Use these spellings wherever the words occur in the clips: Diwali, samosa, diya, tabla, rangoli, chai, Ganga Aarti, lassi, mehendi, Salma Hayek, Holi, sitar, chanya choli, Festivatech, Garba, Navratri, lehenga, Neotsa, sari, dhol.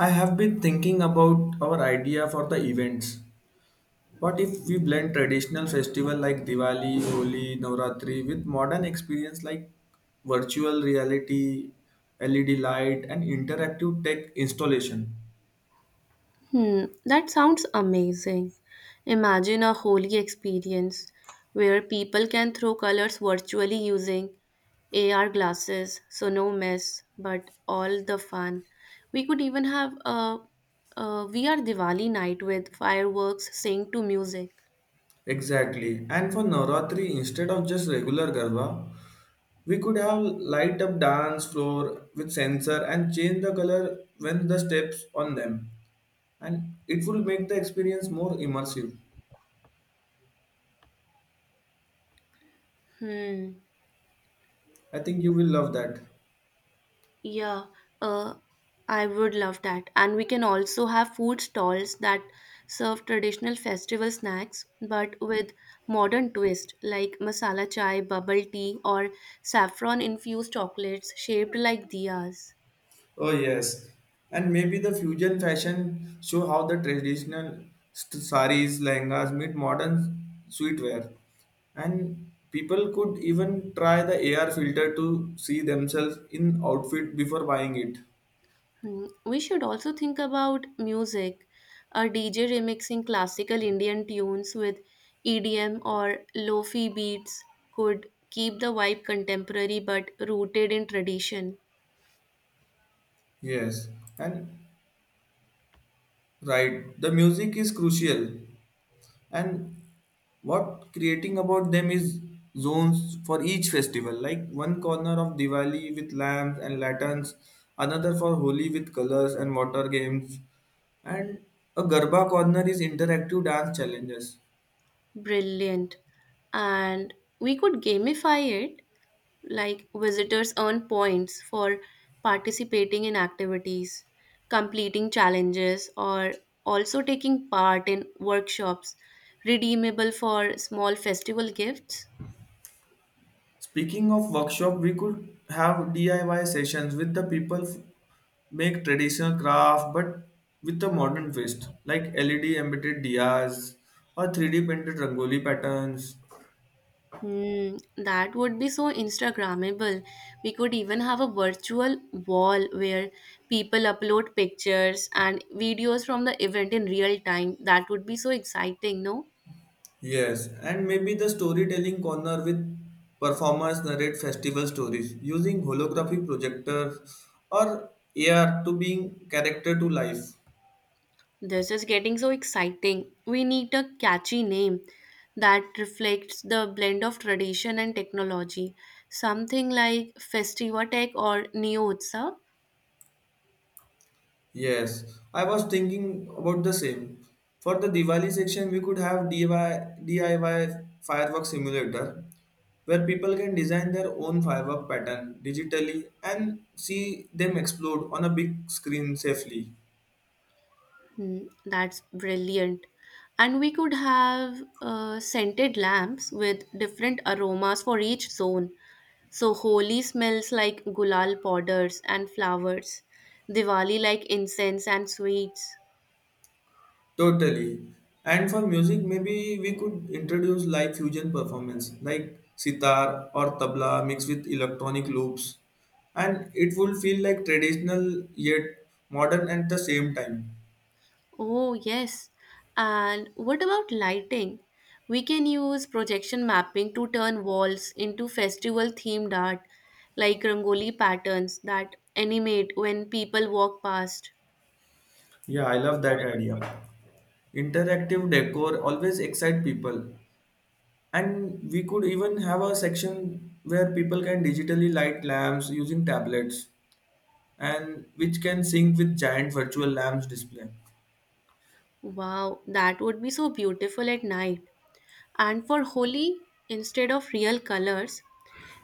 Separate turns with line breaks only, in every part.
I have been thinking about our idea for the events. What if we blend traditional festival like Diwali, Holi, Navratri with modern experience like virtual reality, LED light and interactive tech installation?
Hmm, that sounds amazing. Imagine a holy experience where people can throw colors virtually using AR glasses, so no mess, but all the fun. We could even have a VR Diwali night with fireworks, synced to music.
Exactly. And for Navratri instead of just regular Garba, we could have light up dance floor with sensor and change the color when the steps on them. And it will make the experience more immersive.
Hmm.
I think you will love that.
Yeah, uh, I would love that. And we can also have food stalls that serve traditional festival snacks but with modern twist like masala chai, bubble tea, or saffron infused chocolates shaped like diyas.
Oh yes, and maybe the fusion fashion show how the traditional saris, lehengas meet modern sweetwear, and people could even try the AR filter to see themselves in outfit before buying it.
Hmm, we should also think about music. A DJ remixing classical Indian tunes with EDM or lo-fi beats could keep the vibe contemporary but rooted in tradition.
Yes, and right, the music is crucial, and what creating about them is zones for each festival like one corner of diwali with lamps and lanterns another for holi with colors and water games and a garba corner is interactive dance challenges.
Brilliant. And we could gamify it, like visitors earn points for participating in activities, completing challenges, or also taking part in workshops, redeemable for small festival gifts.
Speaking of workshop we could have diy sessions with the people make traditional craft but with a modern twist like led embedded diyas or 3D printed rangoli patterns.
Hmm, that would be so Instagrammable. We could even have a virtual wall where people upload pictures and videos from the event in real time. That would be so exciting, no?
Yes, and maybe the storytelling corner with performers narrate festival stories using holographic projectors or AR to bring character to life.
This is getting so exciting. We need a catchy name that reflects the blend of tradition and technology. Something like Festivatech or Neotsa.
Yes, I was thinking about the same. For the Diwali section, we could have DIY fireworks simulator where people can design their own firework pattern digitally and see them explode on a big screen safely.
Hmm, that's brilliant. And we could have scented lamps with different aromas for each zone. So Holi smells like gulal powders and flowers, Diwali like incense and sweets.
Totally. And for music, maybe we could introduce live fusion performance like sitar or tabla mixed with electronic loops, and it would feel like traditional yet modern at the same time.
Oh, yes. And what about lighting? We can use projection mapping to turn walls into festival themed art, like rangoli patterns that animate when people walk past.
Yeah, I love that idea. Interactive decor always excite people, and we could even have a section where people can digitally light lamps using tablets, and which can sync with giant virtual lamps display.
Wow, that would be so beautiful at night. And for Holi, instead of real colors,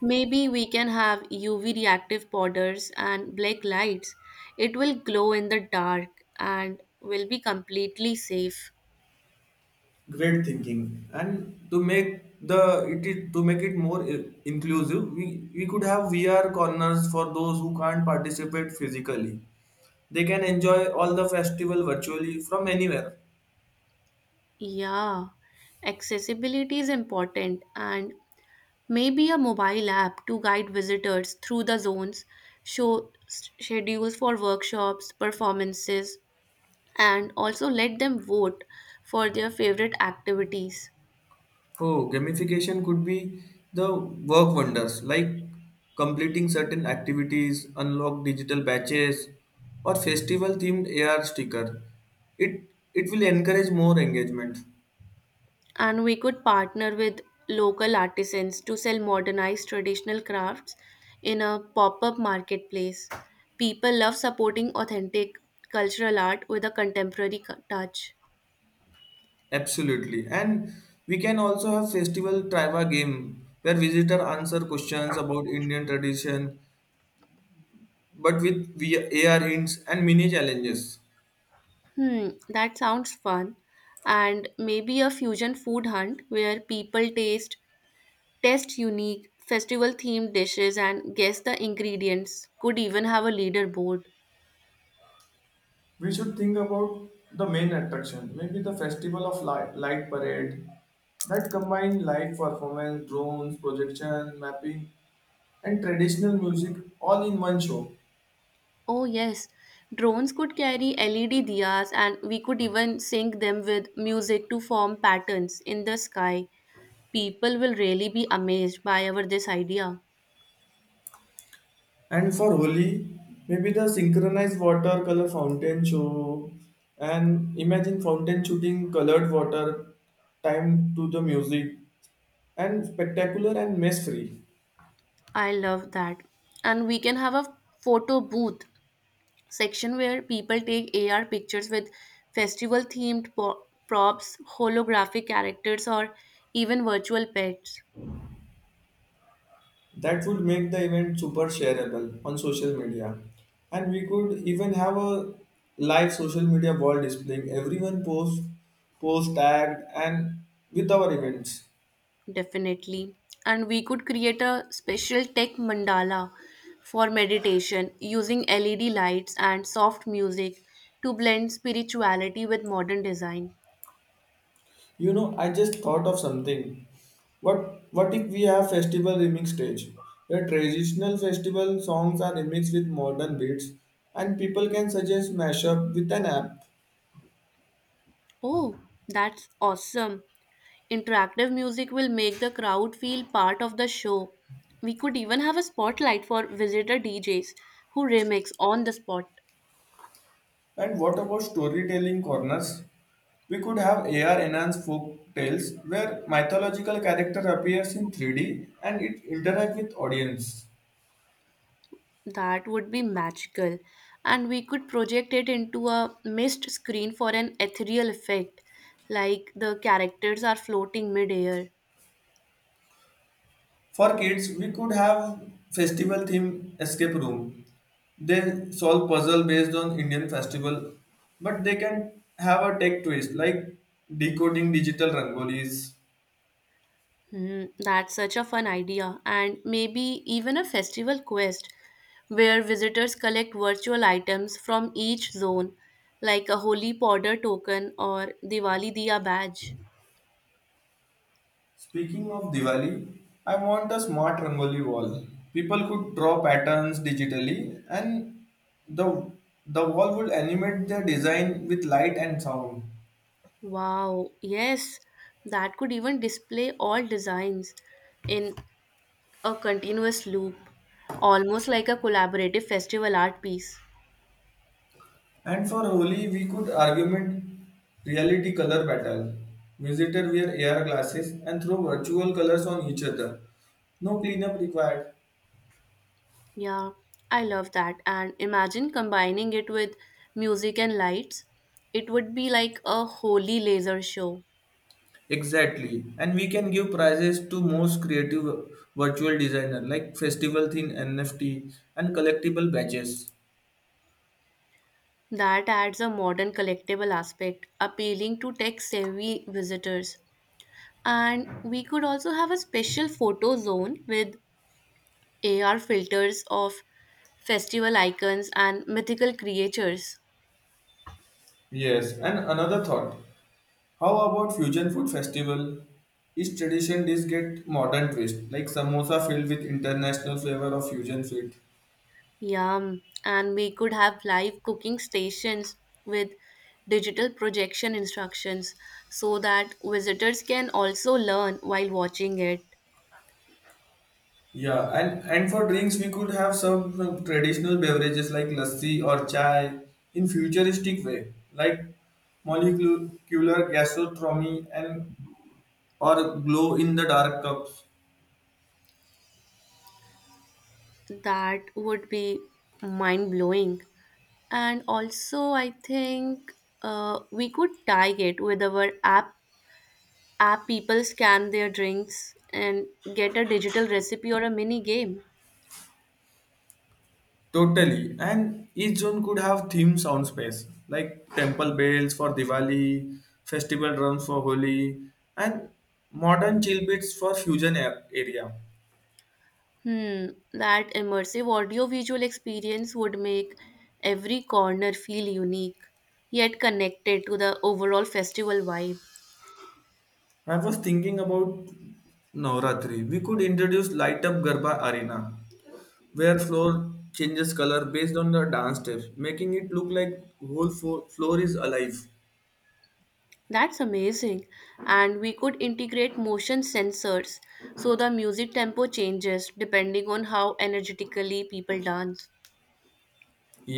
maybe we can have UV reactive powders and black lights. It will glow in the dark and will be completely safe.
Great thinking. And to make the it is to make it more inclusive, we could have VR corners for those who can't participate physically. They can enjoy all the festival virtually from anywhere.
Yeah, accessibility is important, and maybe a mobile app to guide visitors through the zones, show schedules for workshops, performances, and also let them vote for their favorite activities.
Oh, gamification could be the work wonders, like completing certain activities, unlock digital badges or festival themed AR sticker. It will encourage more engagement.
And we could partner with local artisans to sell modernized traditional crafts in a pop up marketplace. People love supporting authentic cultural art with a contemporary touch.
Absolutely. And we can also have festival trivia game where visitor answer questions about Indian tradition but with via AR hints and mini challenges.
Hmm, that sounds fun. And maybe a fusion food hunt where people taste test unique festival-themed dishes and guess the ingredients. Could even have a leaderboard.
The parade that combine live performance, drones, projection, mapping, and traditional music all in one show.
Oh yes, drones could carry LED diyas and we could even sync them with music to form patterns in the sky. People will really be amazed by our this idea.
And for Holi, maybe the synchronized watercolor fountain show and imagine fountain shooting colored water time to the music, and spectacular and mess free.
I love that. And we can have a photo booth section where people take AR pictures with festival themed props, holographic characters, or even virtual pets.
That would make the event super shareable on social media. And we could even have a live social media wall displaying everyone post tagged and with our events.
Definitely. And we could create a special tech mandala for meditation using LED lights and soft music to blend spirituality with modern design.
You know, I just thought of something. What if we have festival remix stage where traditional festival songs are remixed with modern beats and people can suggest mashup with an app.
Oh, that's awesome. Interactive music will make the crowd feel part of the show. We could even have a spotlight for visitor DJs who remix on the spot.
And what about storytelling corners? We could have AR enhanced folk tales where mythological character appears in 3D and it interact with audience.
That would be magical. And we could project it into a mist screen for an ethereal effect, like the characters are floating midair.
For kids, we could have festival theme escape room. They solve puzzle based on Indian festival, but they can have a tech twist like decoding digital rangolis.
Hmm, that's such a fun idea, and maybe even a festival quest where visitors collect virtual items from each zone, like a holy powder token or Diwali Diya badge.
Speaking of Diwali, I want a smart Rangoli wall. People could draw patterns digitally and the the wall would animate their design with light and sound.
Wow, yes, that could even display all designs in a continuous loop, almost like a collaborative festival art piece.
And for Holi, we could argument reality color battle. Visitor wear AR glasses and throw virtual colors on each other. No cleanup required.
Yeah, I love that. And imagine combining it with music and lights. It would be like a holy laser show.
Exactly. And we can give prizes to most creative virtual designer like festival thin NFT and collectible badges.
That adds a modern collectible aspect, appealing to tech-savvy visitors. And we could also have a special photo zone with AR filters of festival icons and mythical creatures.
Yes, and another thought. How about fusion food festival? Each tradition dish get modern twist, like samosa filled with international flavor of fusion sweet.
Yum. And we could have live cooking stations with digital projection instructions so that visitors can also learn while watching it.
Yeah, and for drinks we could have some traditional beverages like lassi or chai in futuristic way, like molecular gastronomy and or glow in the dark cups.
That would be mind blowing. And also, I think we could tag it with our app. App people scan their drinks and get a digital recipe or a mini game.
Totally. And each zone could have theme sound space, like temple bells for Diwali, festival drums for Holi, and modern chill beats for fusion area.
Hmm, that immersive audiovisual experience would make every corner feel unique, yet connected to the overall festival vibe.
I was thinking about Navratri. We could introduce light up Garba arena, where floor changes color based on the dance steps, making it look like whole floor is alive.
That's amazing. And we could integrate motion sensors so the music tempo changes depending on how energetically people dance.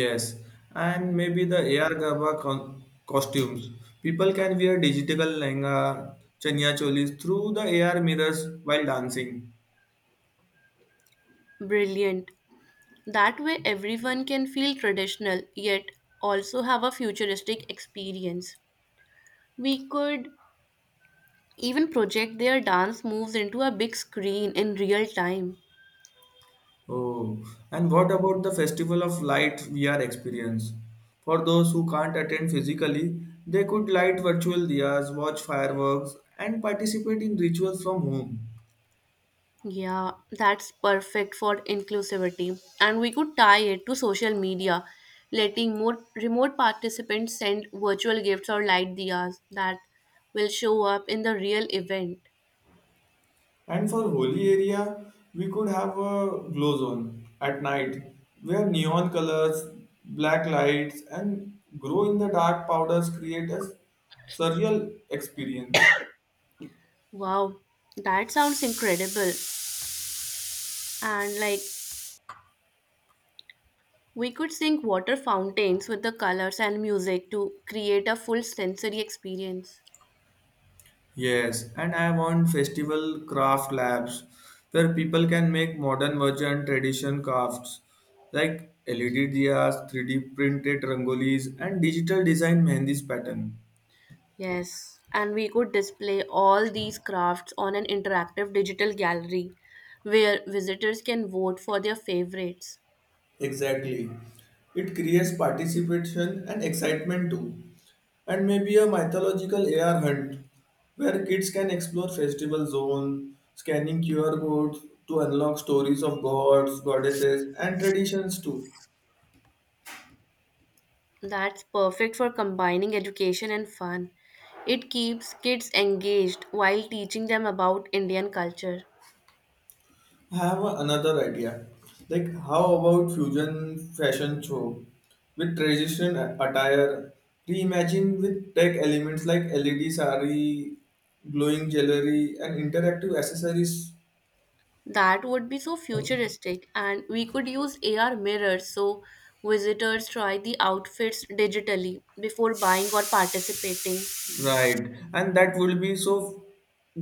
Yes, and maybe the AR gaba costumes. People can wear digital lehenga, chanya cholis through the AR mirrors while dancing.
Brilliant. That way, everyone can feel traditional yet also have a futuristic experience. We could even project their dance moves into a big screen in real time.
Oh, and what about the Festival of Light VR experience? For those who can't attend physically, they could light virtual diyas, watch fireworks, and participate in rituals from home.
Yeah, that's perfect for inclusivity. And we could tie it to social media, letting more remote participants send virtual gifts or light diyas that will show up in the real event.
And for holy area, we could have a glow zone at night where neon colors, black lights, and glow in the dark powders create a surreal experience.
Wow, that sounds incredible. And like we could sync water fountains with the colors and music to create a full sensory experience.
Yes, and I want festival craft labs where people can make modern version tradition crafts like LED diyas, 3D printed rangolis, and digital design mehendi's pattern.
Yes, and we could display all these crafts on an interactive digital gallery where visitors can vote for their favorites.
Exactly. It creates participation and excitement too. And maybe a mythological AR hunt where kids can explore festival zone, scanning QR codes to unlock stories of gods, goddesses, and traditions too.
That's perfect for combining education and fun. It keeps kids engaged while teaching them about Indian culture.
I have another idea. Like, how about fusion fashion show with traditional attire, reimagined with tech elements like LED sari, glowing jewelry, and interactive accessories.
That would be so futuristic, and we could use AR mirrors so visitors try the outfits digitally before buying or participating.
Right, and that will be so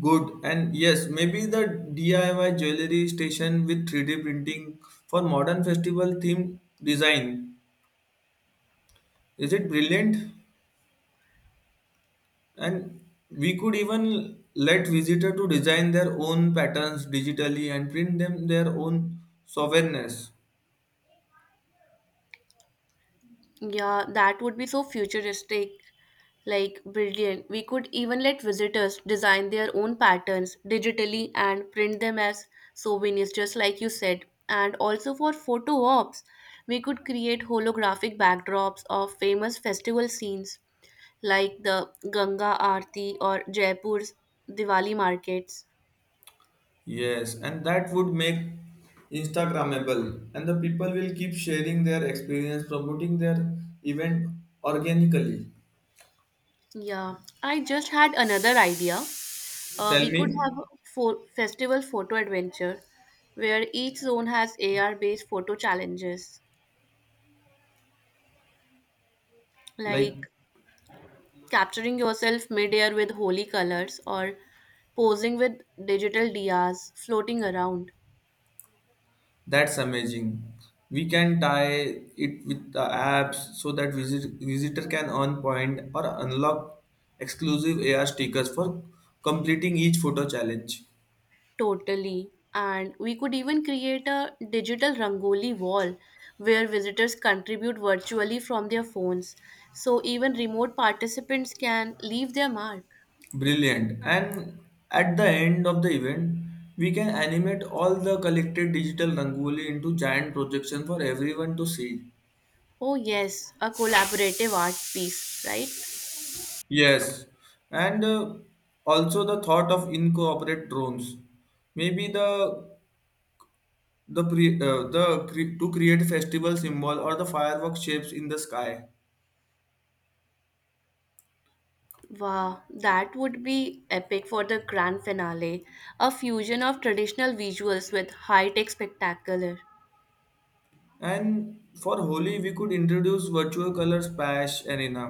good. And yes, maybe the DIY jewelry station with 3D printing for modern festival themed design. Is it brilliant? And we could even let visitor to design their own patterns digitally and print them their own sovereignness.
Yeah, that would be so futuristic, like brilliant. We could even let visitors design their own patterns digitally and print them as souvenirs, just like you said. And also for photo ops, we could create holographic backdrops of famous festival scenes like the Ganga Aarti or Jaipur's Diwali markets.
Yes, and that would make Instagrammable, and the people will keep sharing their experience, promoting their event organically.
Yeah, I just had another idea. Uh,
Tell
we
me.
could have a fo- festival photo adventure where each zone has AR based photo challenges,
Like
like capturing yourself midair with holy colors or posing with digital DRs floating around.
that's amazing. We can tie it with the apps so that visitor can earn point or unlock exclusive AR stickers for completing each photo challenge.
Totally. And we could even create a digital Rangoli wall where visitors contribute virtually from their phones. So even remote participants can leave their mark.
Brilliant. And at the end of the event, we can animate all the collected digital rangoli into giant projection for everyone to see.
Oh, yes, a collaborative art piece, right?
Yes, and also the thought of incorporate drones. Maybe the the to create festival symbol or the firework shapes in the sky.
Wow, that would be epic for the grand finale. A fusion of traditional visuals with high tech spectacular.
And for holi we could introduce virtual color splash arena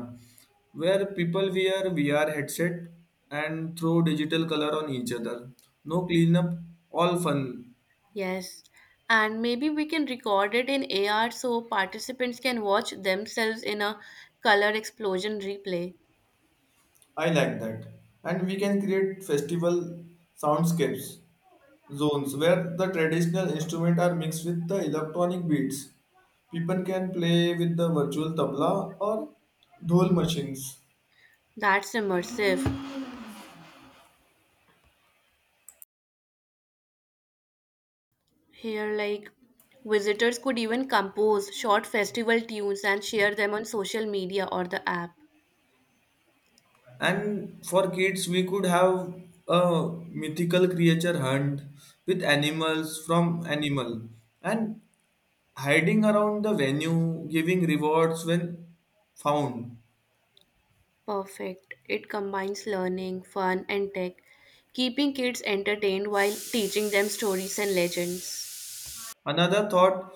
where people wear vr headset and throw digital color on each other. No cleanup, all fun.
Yes, and maybe we can record it in AR so participants can watch themselves in a color explosion replay.
I like that and we can create festival soundscapes zones where the traditional instruments are mixed with the electronic beats. People can play with the virtual tabla or dhol machines.
That's immersive. Here, like, visitors could even compose short festival tunes and share them on social media or the app.
And for kids, we could have a mythical creature hunt with animals from animal and hiding around the venue, giving rewards when found.
Perfect. It combines learning, fun, and tech, keeping kids entertained while teaching them stories and legends.
Another thought,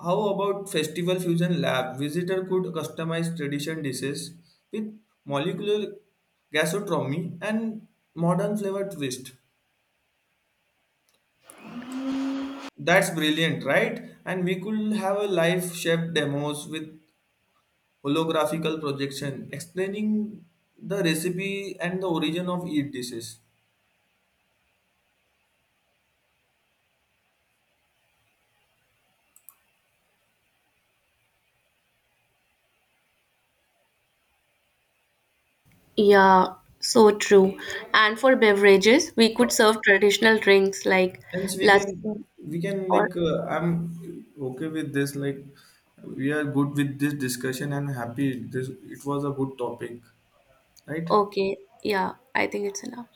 how about festival fusion lab? Visitor could customize tradition dishes with molecular gastronomy and modern flavor twist. That's brilliant, right? And we could have a live chef demos with holographical projection explaining the recipe and the origin of each dishes.
Yeah, so true. And for beverages, we could serve traditional drinks like
And so
lassi
we can
or
like I'm okay with this. Like we are good with this discussion and happy. This it was a good topic, right?
okay, yeah, I think it's enough.